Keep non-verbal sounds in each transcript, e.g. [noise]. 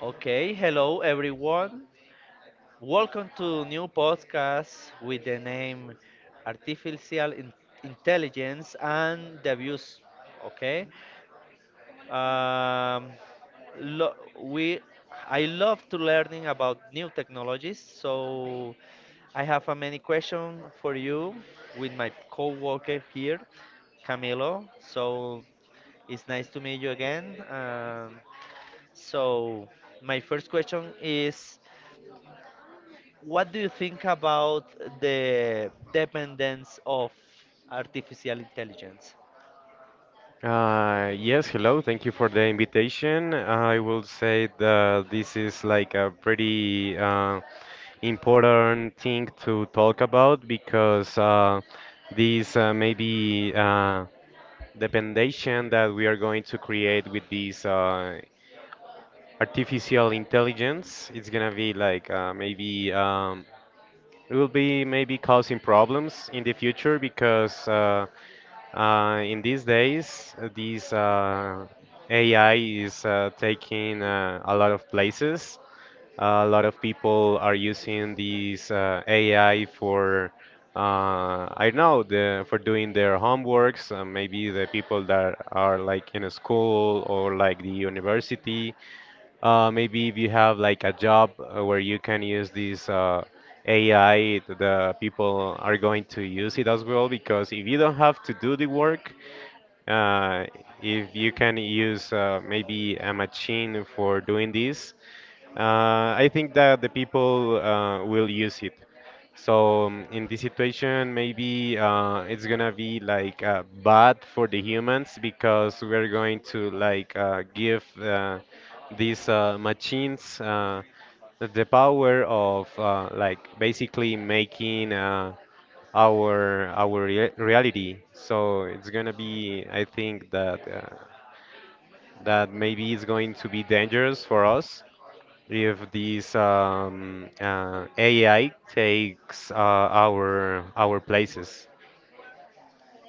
Okay, hello everyone. Welcome to new podcast with the name Artificial Intelligence and the Abuse. Okay, um, lo- we I love to learning about new technologies. So I have a many question for you with my co-worker here, Camilo. So it's nice to meet you again. So my first question is: what do you think about the dependence of artificial intelligence? Yes, hello. Thank you for the invitation. I will say that this is like a pretty important thing to talk about because this maybe the foundation that we are going to create with this artificial intelligence, it's gonna be like maybe it will be maybe causing problems in the future because in these days these AI is taking a lot of places. A lot of people are using these AI for I don't know the for doing their homeworks. Maybe the people that are like in a school or like the university maybe if you have like a job where you can use this AI, the people are going to use it as well because if you don't have to do the work, uh, if you can use maybe a machine for doing this, I think that the people will use it. So in this situation, maybe it's gonna be like bad for the humans because we're going to like give these machines the power of like basically making our reality. So it's gonna be, I think that maybe it's going to be dangerous for us if this AI takes our places.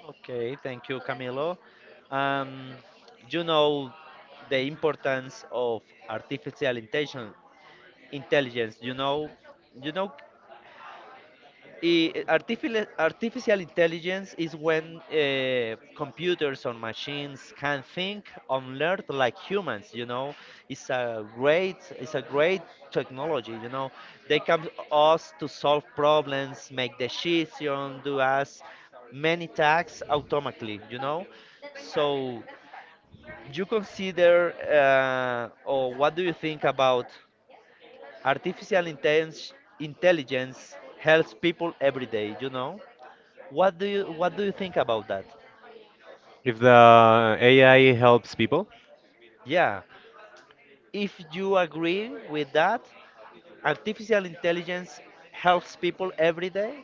Okay, thank you, Camilo. Um, you know the importance of artificial intelligence. Intelligence, you know artificial intelligence is when computers or machines can think and learn like humans. You know, it's a great technology. You know, they come to us to solve problems, make decisions, do us many tasks automatically. You know, so you consider or what do you think about artificial intelligence intelligence helps people every day? You know. What do you think about that? If the AI helps people, Yeah, if you agree with that, artificial intelligence helps people every day.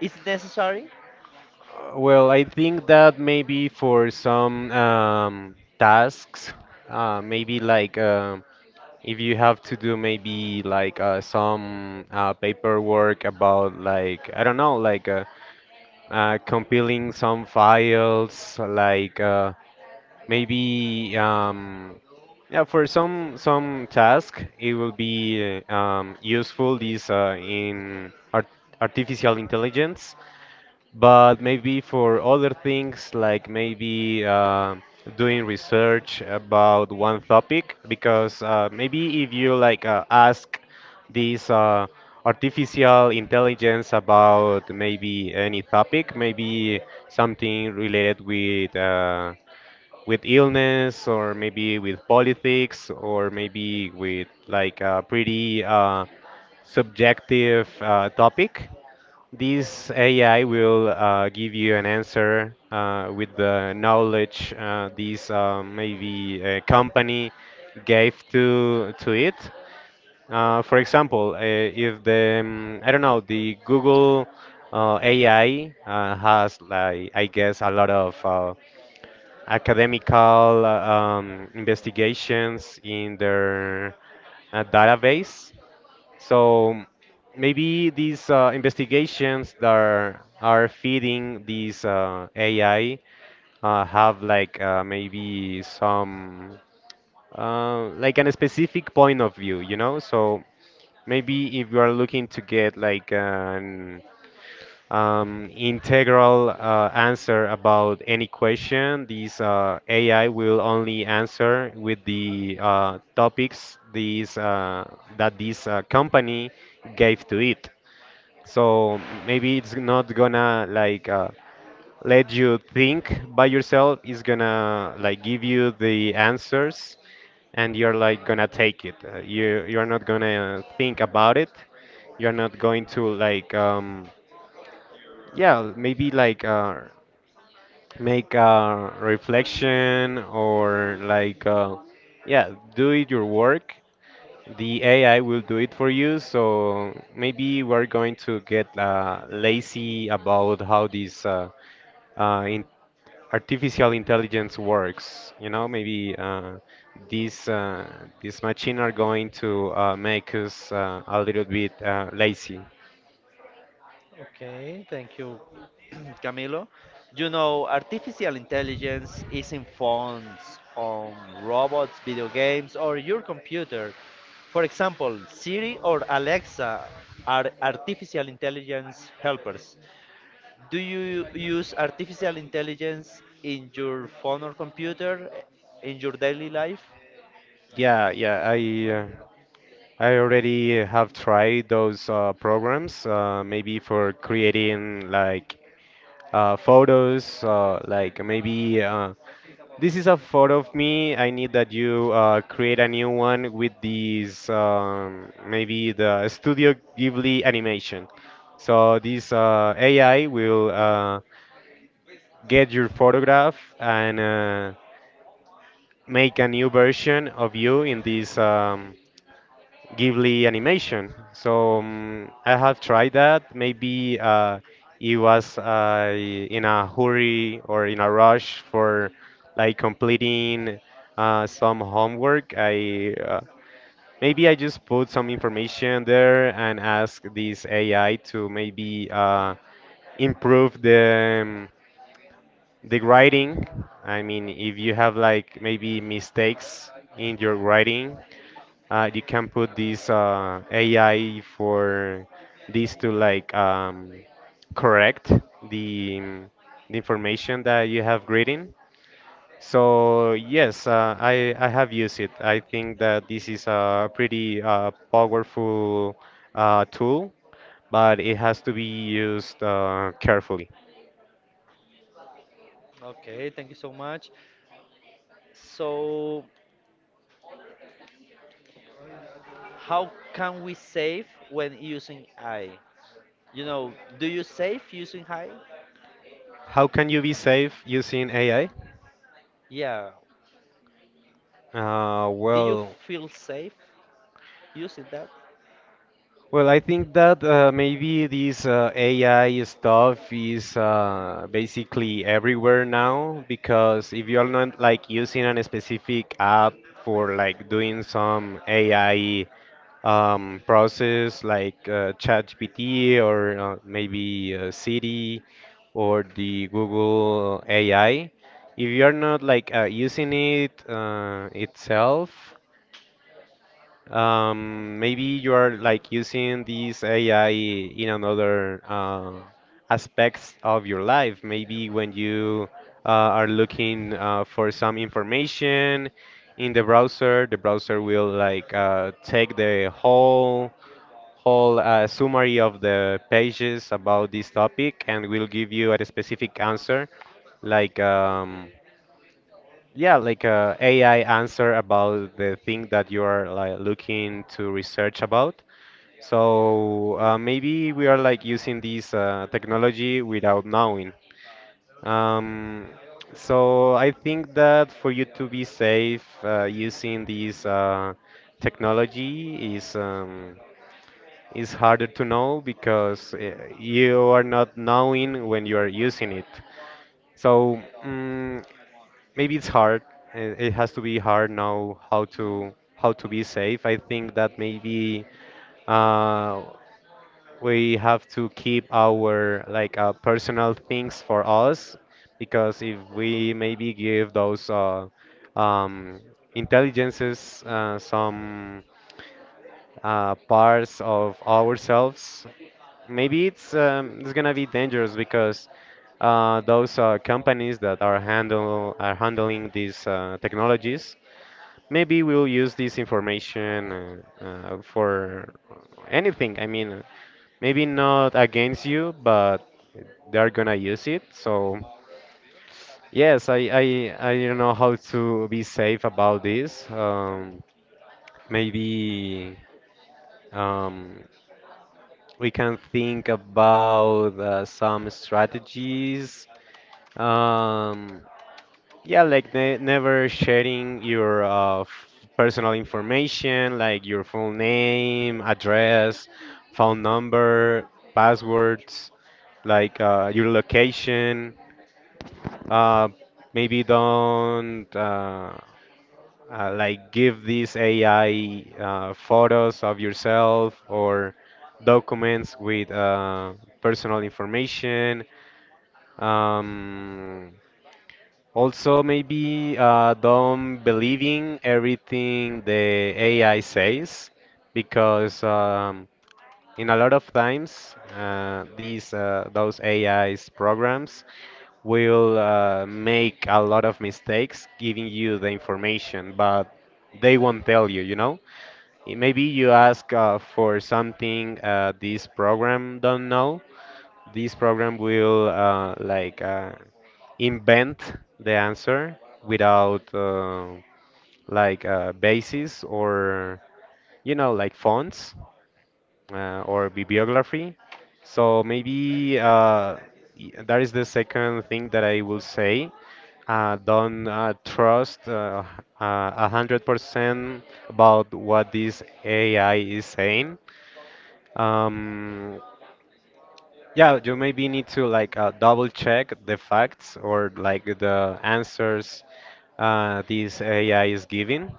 It's necessary. Well, I think that maybe for some tasks, maybe like. If you have to do maybe like some paperwork about like I don't know like compiling some files like maybe yeah for some task it will be useful this in art artificial intelligence but maybe for other things like maybe doing research about one topic because maybe if you like ask this artificial intelligence about maybe any topic maybe something related with illness or maybe with politics or maybe with like a pretty subjective topic this AI will give you an answer with the knowledge this maybe a company gave to it. For example, if the I don't know the Google AI has like I guess a lot of academical investigations in their database. So maybe these investigations that are feeding these AI have like maybe some like an specific point of view, you know? So maybe if you are looking to get like an integral answer about any question, these AI will only answer with the topics these that this company gave to it. So maybe it's not gonna like let you think by yourself. It's gonna like give you the answers, and you're like gonna take it. You're not gonna think about it. You're not going to like yeah maybe like make a reflection or like yeah do it your work the AI will do it for you, so maybe we're going to get lazy about how this in artificial intelligence works. You know, maybe these this machine are going to make us a little bit lazy. Okay, thank you. [clears throat] Camilo. You know, artificial intelligence is in phones, on robots, video games, or your computer. For example, Siri or Alexa are artificial intelligence helpers. Do you use artificial intelligence in your phone or computer in your daily life? Yeah, yeah, I already have tried those programs, maybe for creating like photos, like maybe this is a photo of me. I need that you create a new one with these, maybe the Studio Ghibli animation. So this AI will get your photograph and make a new version of you in this Ghibli animation. So I have tried that. Maybe it was in a hurry or in a rush for like completing some homework. I maybe I just put some information there and ask this AI to maybe improve the writing. I mean, if you have like maybe mistakes in your writing, you can put this AI for this to like correct the, um, the information that you have reading. So yes, I have used it. I think that this is a pretty powerful tool, but it has to be used carefully. Okay, thank you so much. So, how can we save when using AI? You know, do you save using AI? How can you be safe using AI? Yeah. Do you Well. feel safe using that? Well, I think that maybe this AI stuff is basically everywhere now because if you're not like using a specific app for like doing some AI process like ChatGPT or maybe Siri or the Google AI, if you're not like using it itself maybe you are like using this AI in another aspects of your life. Maybe when you are looking for some information in the browser will like take the whole summary of the pages about this topic and will give you a specific answer, like a AI answer about the thing that you are like looking to research about. So maybe we are like using this technology without knowing. Um, so I think that for you to be safe using this technology is harder to know because you are not knowing when you are using it. So, maybe it's hard and it has to be hard now how to be safe. I think that maybe uh, we have to keep our like personal things for us because if we maybe give those um, intelligences some parts of ourselves, maybe it's gonna be dangerous because those companies that are handling these technologies maybe will use this information for anything. I mean, maybe not against you, but they're gonna use it. So yes, I don't know how to be safe about this. Maybe. Um, We can think about some strategies. Um, yeah, like ne never sharing your personal information, like your full name, address, phone number, passwords, like your location. Uh, maybe don't like give this AI photos of yourself or documents with personal information. Um, also, maybe don't believing everything the AI says because in a lot of times these those AI's programs will make a lot of mistakes giving you the information, but they won't tell you, you know? Eh, maybe you ask for something this program don't know. This program will invent the answer without basis or you know like fonts or bibliography. So maybe that is the second thing that I will say. Don't trust uh, 100% about what this AI is saying. Um, yeah, you maybe need to like double check the facts or like the answers this AI is giving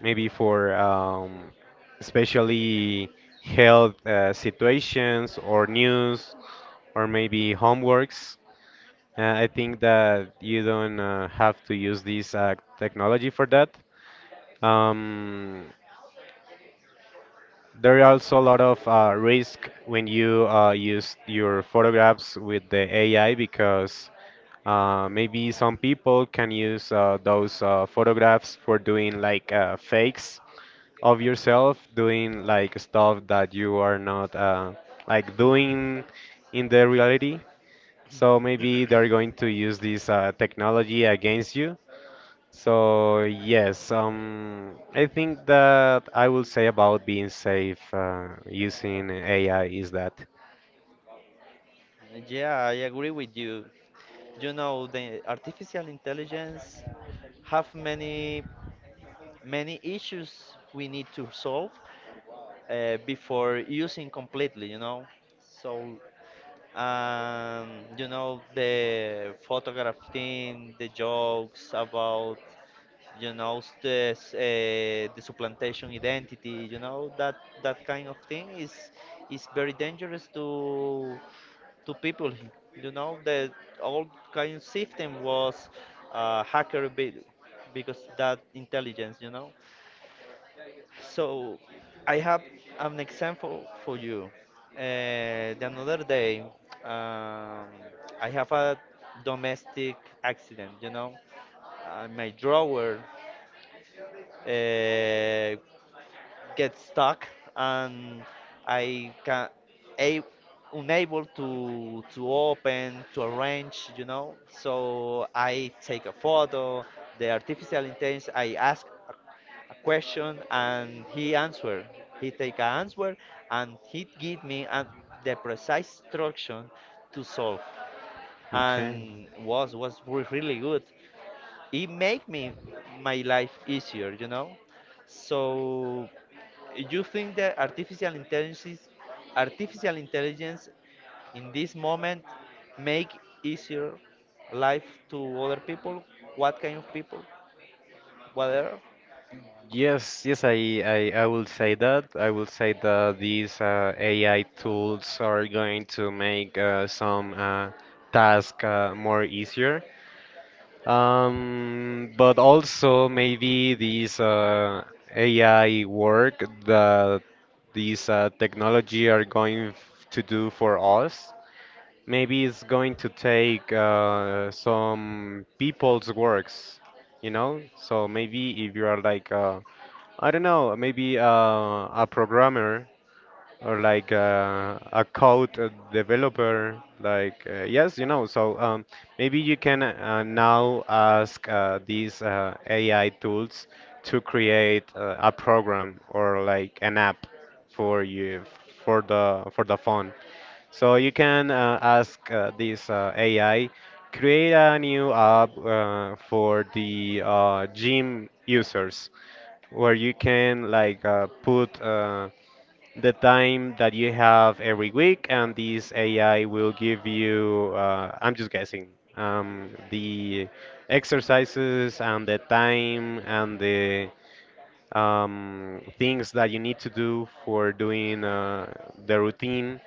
maybe for especially health situations or news or maybe homeworks. I think that you don't have to use this technology for that. Um, There are also a lot of risk when you use your photographs with the AI because maybe some people can use those photographs for doing like fakes of yourself, doing like stuff that you are not like doing in the reality. So maybe they're going to use this technology against you. So yes, I think that I will say about being safe using AI is that. Yeah, I agree with you. You know, the artificial intelligence have many many issues we need to solve before using completely, you know. So, you know, the photograph team, the jokes about, you know, this, the supplantation identity, you know, that kind of thing is very dangerous to people. You know, the old kind of system was uh, hacker be- because that intelligence, you know. So I have an example for you. The another day, um, I have a domestic accident. You know, my drawer uh, get stuck and I can a unable to open to arrange, you know. So I take a photo, the artificial intelligence. I ask a question and he answer, he take an answer, and he give me an, the precise instruction to solve, and was really good. It make me my life easier, you know. So you think that artificial intelligence in this moment make easier life to other people? What kind of people? Whatever. Yes, I will say that. I will say that these AI tools are going to make some task more easier. But also maybe this AI work that these technology are going to do for us. Maybe it's going to take some people's works, you know? So maybe if you are like, I don't know, maybe a programmer or like a code developer like yes you know so maybe you can now ask these AI tools to create a program or like an app for you for the phone so you can ask this AI create a new app for the gym users where you can like put the time that you have every week, and this AI will give you, I'm just guessing, the exercises and the time and the things that you need to do for doing the routine.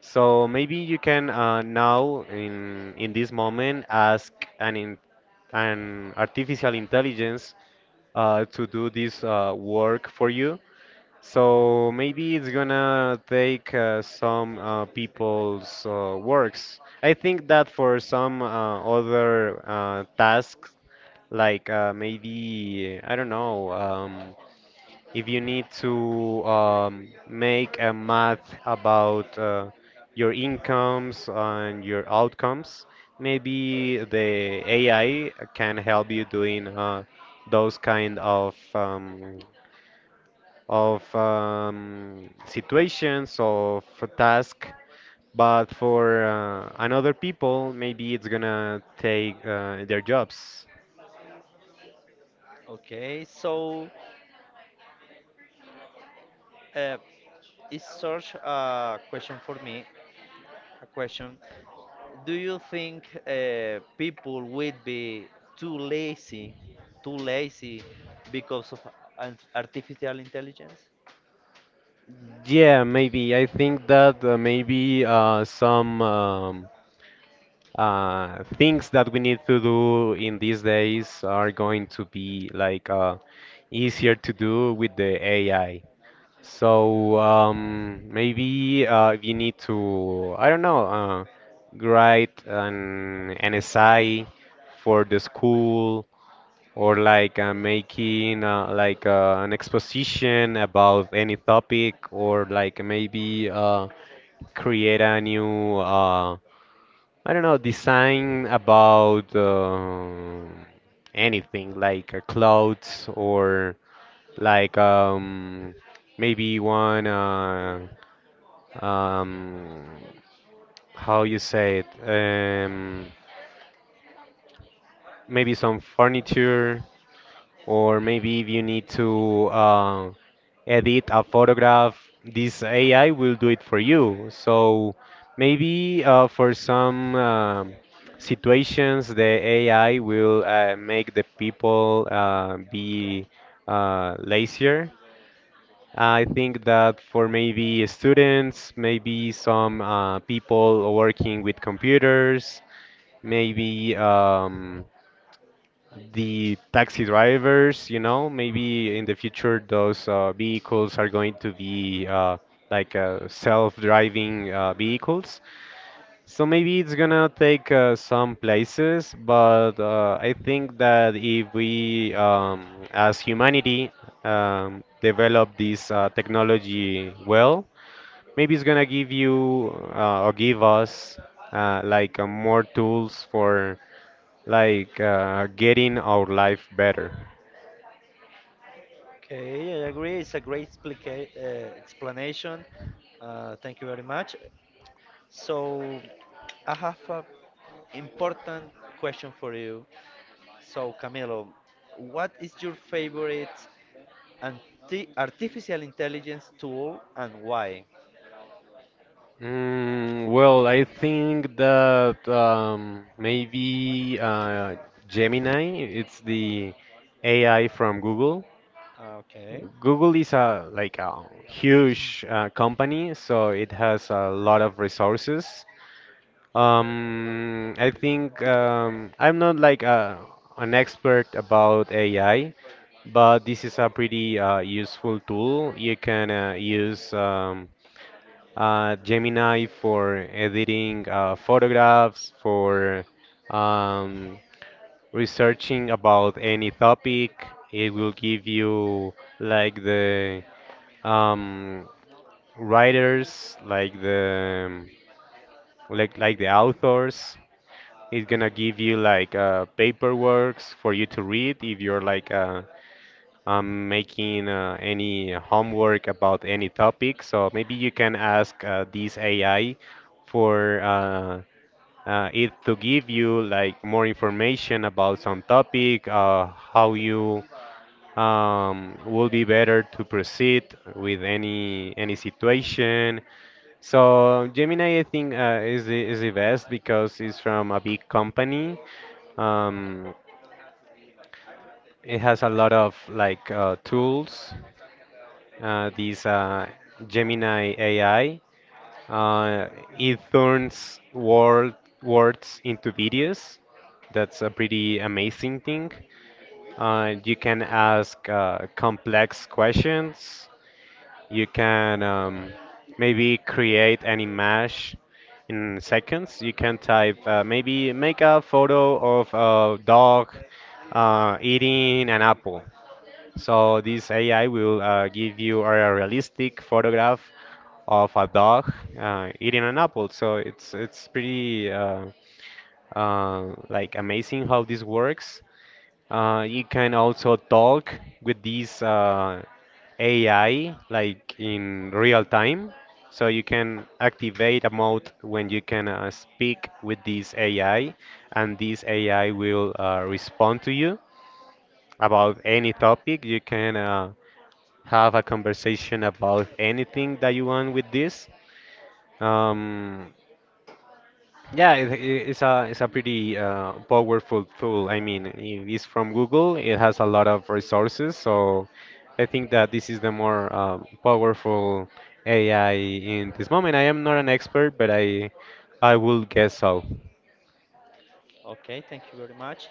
So maybe you can now, in this moment, ask an in, an artificial intelligence to do this work for you so maybe it's gonna take some people's works. I think that for some other tasks, like maybe, I don't know, if you need to make a math about your incomes and your outcomes, maybe the AI can help you doing those kind of situations, of a task, but for another people, maybe it's gonna take their jobs. Okay, so uh, it's such a question for me, a question: do you think people would be too lazy too lazy because of artificial intelligence? Yeah, maybe. I think that maybe some things that we need to do in these days are going to be like easier to do with the AI. So maybe you need to, I don't know, write an essay for the school or like making like an exposition about any topic, or like maybe create a new, I don't know, design about anything like clothes or like um, maybe one. Um, how you say it, maybe some furniture, or maybe if you need to edit a photograph, this AI will do it for you. So maybe for some situations, the AI will make the people be lazier. I think that for maybe students, maybe some people working with computers, maybe the taxi drivers, you know, maybe in the future those vehicles are going to be self-driving vehicles. So maybe it's gonna take some places, but I think that if we, as humanity, develop this technology well, maybe it's gonna give you or give us more tools for like getting our life better. Okay, I agree. It's a great explanation. Thank you very much. So, I have a important question for you. So, Camilo, what is your favorite artificial intelligence tool and why? Mm, well, I think that maybe Gemini, it's the AI from Google. Okay, Google is a like a huge company, so it has a lot of resources. I think I'm not like an expert about AI, but this is a pretty useful tool. You can use Gemini for editing photographs, for um, researching about any topic. It will give you like the um, writers, like the authors. It's gonna give you like paperworks for you to read if you're like a, I'm making any homework about any topic, so maybe you can ask this AI for it to give you like more information about some topic, how you will be better to proceed with any situation. So Gemini, I think, is the best because it's from a big company. Um, it has a lot of like tools this Gemini AI. Uh, it turns words into videos. That's a pretty amazing thing. You can ask complex questions. You can maybe create an image in seconds. You can type maybe make a photo of a dog eating an apple, so this AI will give you a realistic photograph of a dog eating an apple. So it's pretty like amazing how this works. You can also talk with this AI like in real time. So you can activate a mode when you can speak with this AI, and this AI will respond to you about any topic. You can have a conversation about anything that you want with this. Um, yeah, it's a it's a pretty powerful tool. I mean, it is from Google. It has a lot of resources, so I think that this is the more powerful AI in this moment. I am not an expert, but I will guess so. okay, thank you very much.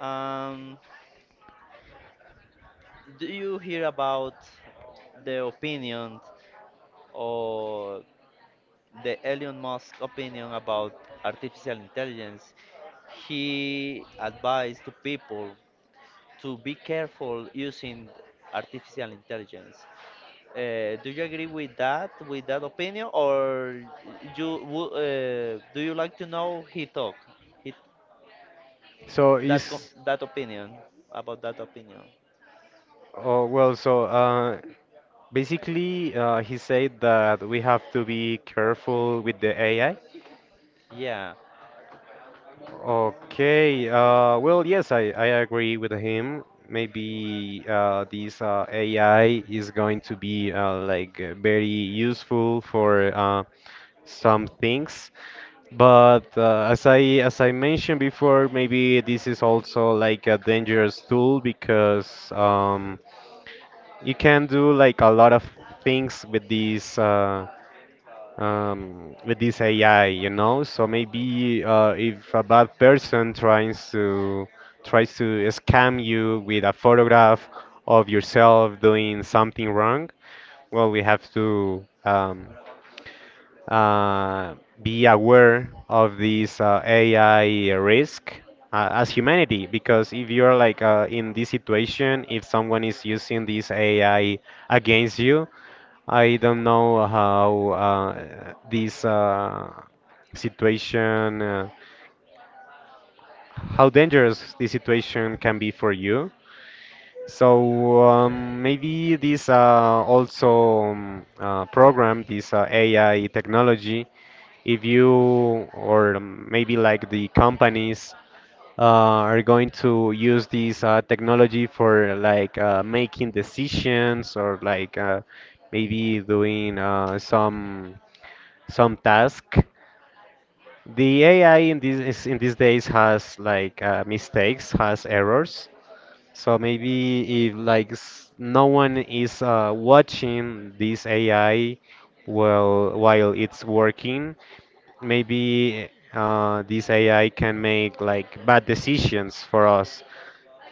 Um, do you hear about the opinion, or the Elon Musk opinion about artificial intelligence? He advised to people to be careful using artificial intelligence. Do you agree with that, with that opinion, or you do you like to know he talk, he, So that is, that opinion, about that opinion? oh well. So basically, he said that we have to be careful with the AI. Yeah. Okay, well, yes, I agree with him. Maybe this AI is going to be very useful for some things. But as I mentioned before, maybe this is also like a dangerous tool, because you can do like a lot of things with this with this AI, you know. So maybe if a bad person tries to scam you with a photograph of yourself doing something wrong, well, we have to uh, be aware of this AI risk. As humanity, because if you're like in this situation, if someone is using this AI against you, I don't know how situation, uh, how dangerous this situation can be for you. So maybe this also program, this AI technology, if you or maybe like the companies uh, are going to use this technology for like making decisions, or like maybe doing some task. The AI in these days has like mistakes, has errors. So maybe if no one is watching this AI while it's working, maybe this AI can make like bad decisions for us.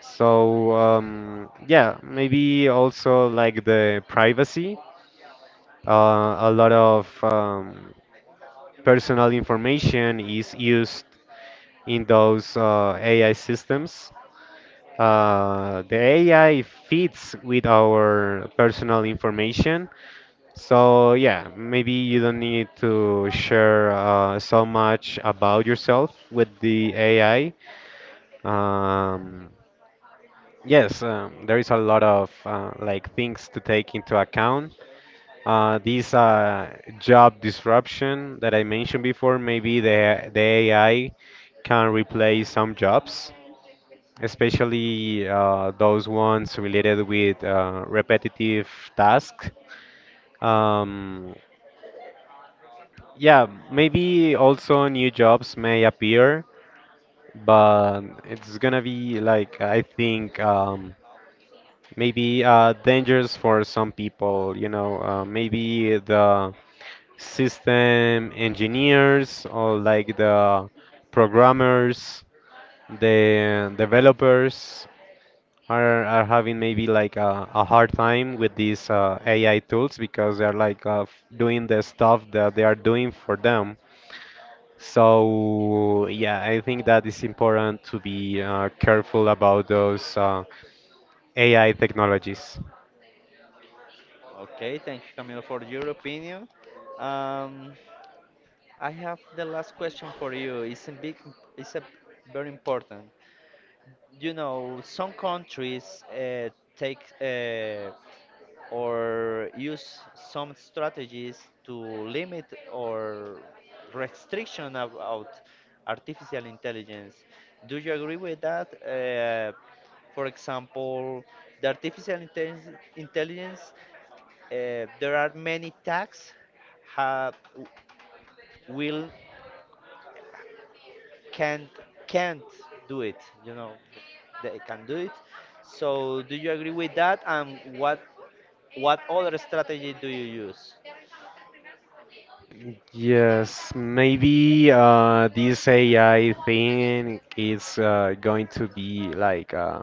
So yeah, maybe also like the privacy. A lot of personal information is used in those AI systems. The AI fits with our personal information. So, yeah, maybe you don't need to share so much about yourself with the AI. Um, yes, there is a lot of like things to take into account, these job disruption that I mentioned before. Maybe the AI can replace some jobs, especially those ones related with repetitive tasks. Um, yeah, maybe also new jobs may appear, but it's gonna be like, I think maybe dangerous for some people. You know, maybe the system engineers, or like the programmers, the developers are having maybe like a hard time with these AI tools, because they're like doing the stuff that they are doing for them. So yeah, I think that it's important to be careful about those AI technologies. Okay. Thank you, Camilo, for your opinion. Um, I have the last question for you. It's a big, it's a very important. You know, some countries take or use some strategies to limit or restriction about artificial intelligence. Do you agree with that? For example, the intelligence, there are many tags have, will, can't can't do it, you know, they can do it. So do you agree with that, and what other strategy do you use? Yes, maybe this AI thing is going to be like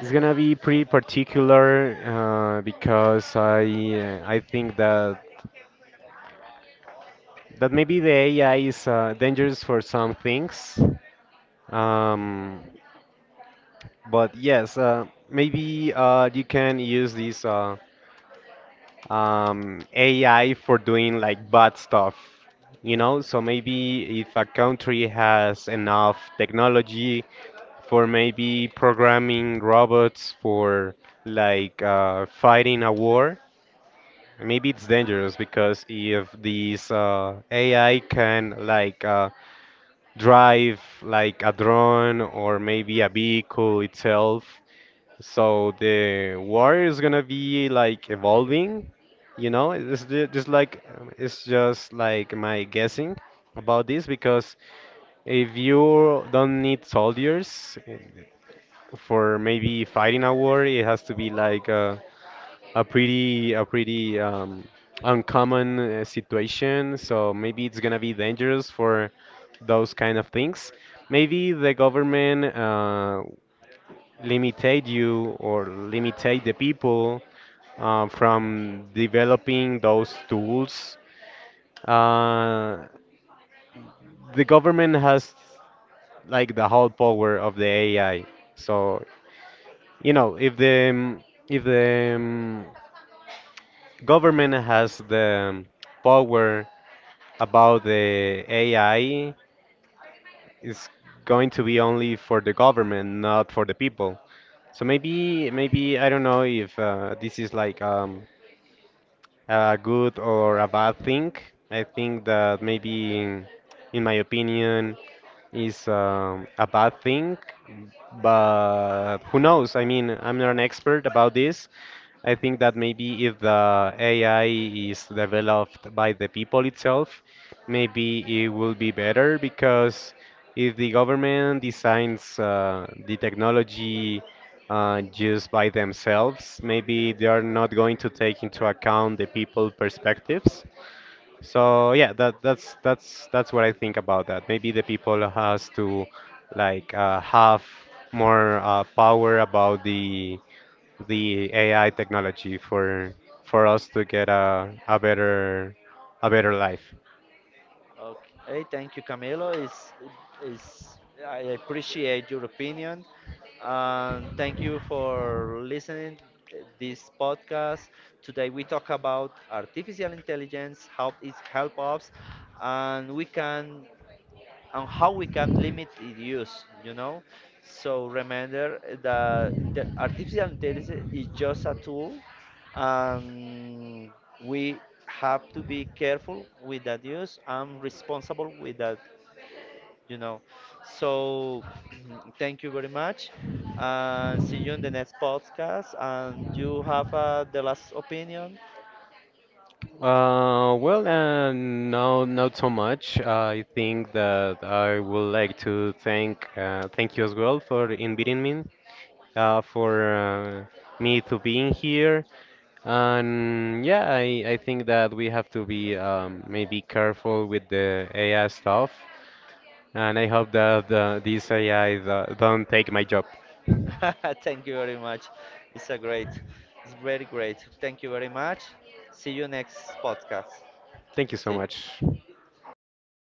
it's gonna be pretty particular because I think that maybe the AI is dangerous for some things. Um, but yes, maybe you can use this. AI for doing like bad stuff. You know, so maybe if a country has enough technology for maybe programming robots for like fighting a war, maybe it's dangerous because if these AI can like drive like a drone or maybe a vehicle itself, so the war is gonna be like evolving, you know. It's just like it's just like my guessing about this, because if you don't need soldiers, for maybe fighting a war, it has to be like a pretty uncommon situation. So maybe it's gonna be dangerous for those kind of things. Maybe the government limitate you, or limitate the people from developing those tools. Uh, the government has like the whole power of the AI. So you know, if the government has the power about the AI, it's going to be only for the government, not for the people. So maybe I don't know if this is like a good or a bad thing. I think that maybe, in my opinion, is a bad thing, but who knows? I mean, I'm not an expert about this. I think that maybe if the AI is developed by the people itself, maybe it will be better, because if the government designs the technology just by themselves, maybe they are not going to take into account the people perspectives. So yeah, that's what I think about that. Maybe the people has to like have more power about the AI technology for us to get a better life. Okay, hey, thank you, Camilo. Is I appreciate your opinion, and thank you for listening t- this podcast. Today we talk about artificial intelligence, how it helps us, and we can and how we can limit its use, you know? So remember that artificial intelligence is just a tool, and we have to be careful with that use and responsible with that, you know. So [clears throat] thank you very much, and see you in the next podcast. And you have the last opinion. Well, no, not so much. I think that I would like to thank you as well for inviting me, for me to being here. And yeah, I think that we have to be maybe careful with the AI stuff. And I hope that these AI don't take my job. [laughs] Thank you very much. It's it's very great. Thank you very much. See you next podcast. Thank you so See you. much.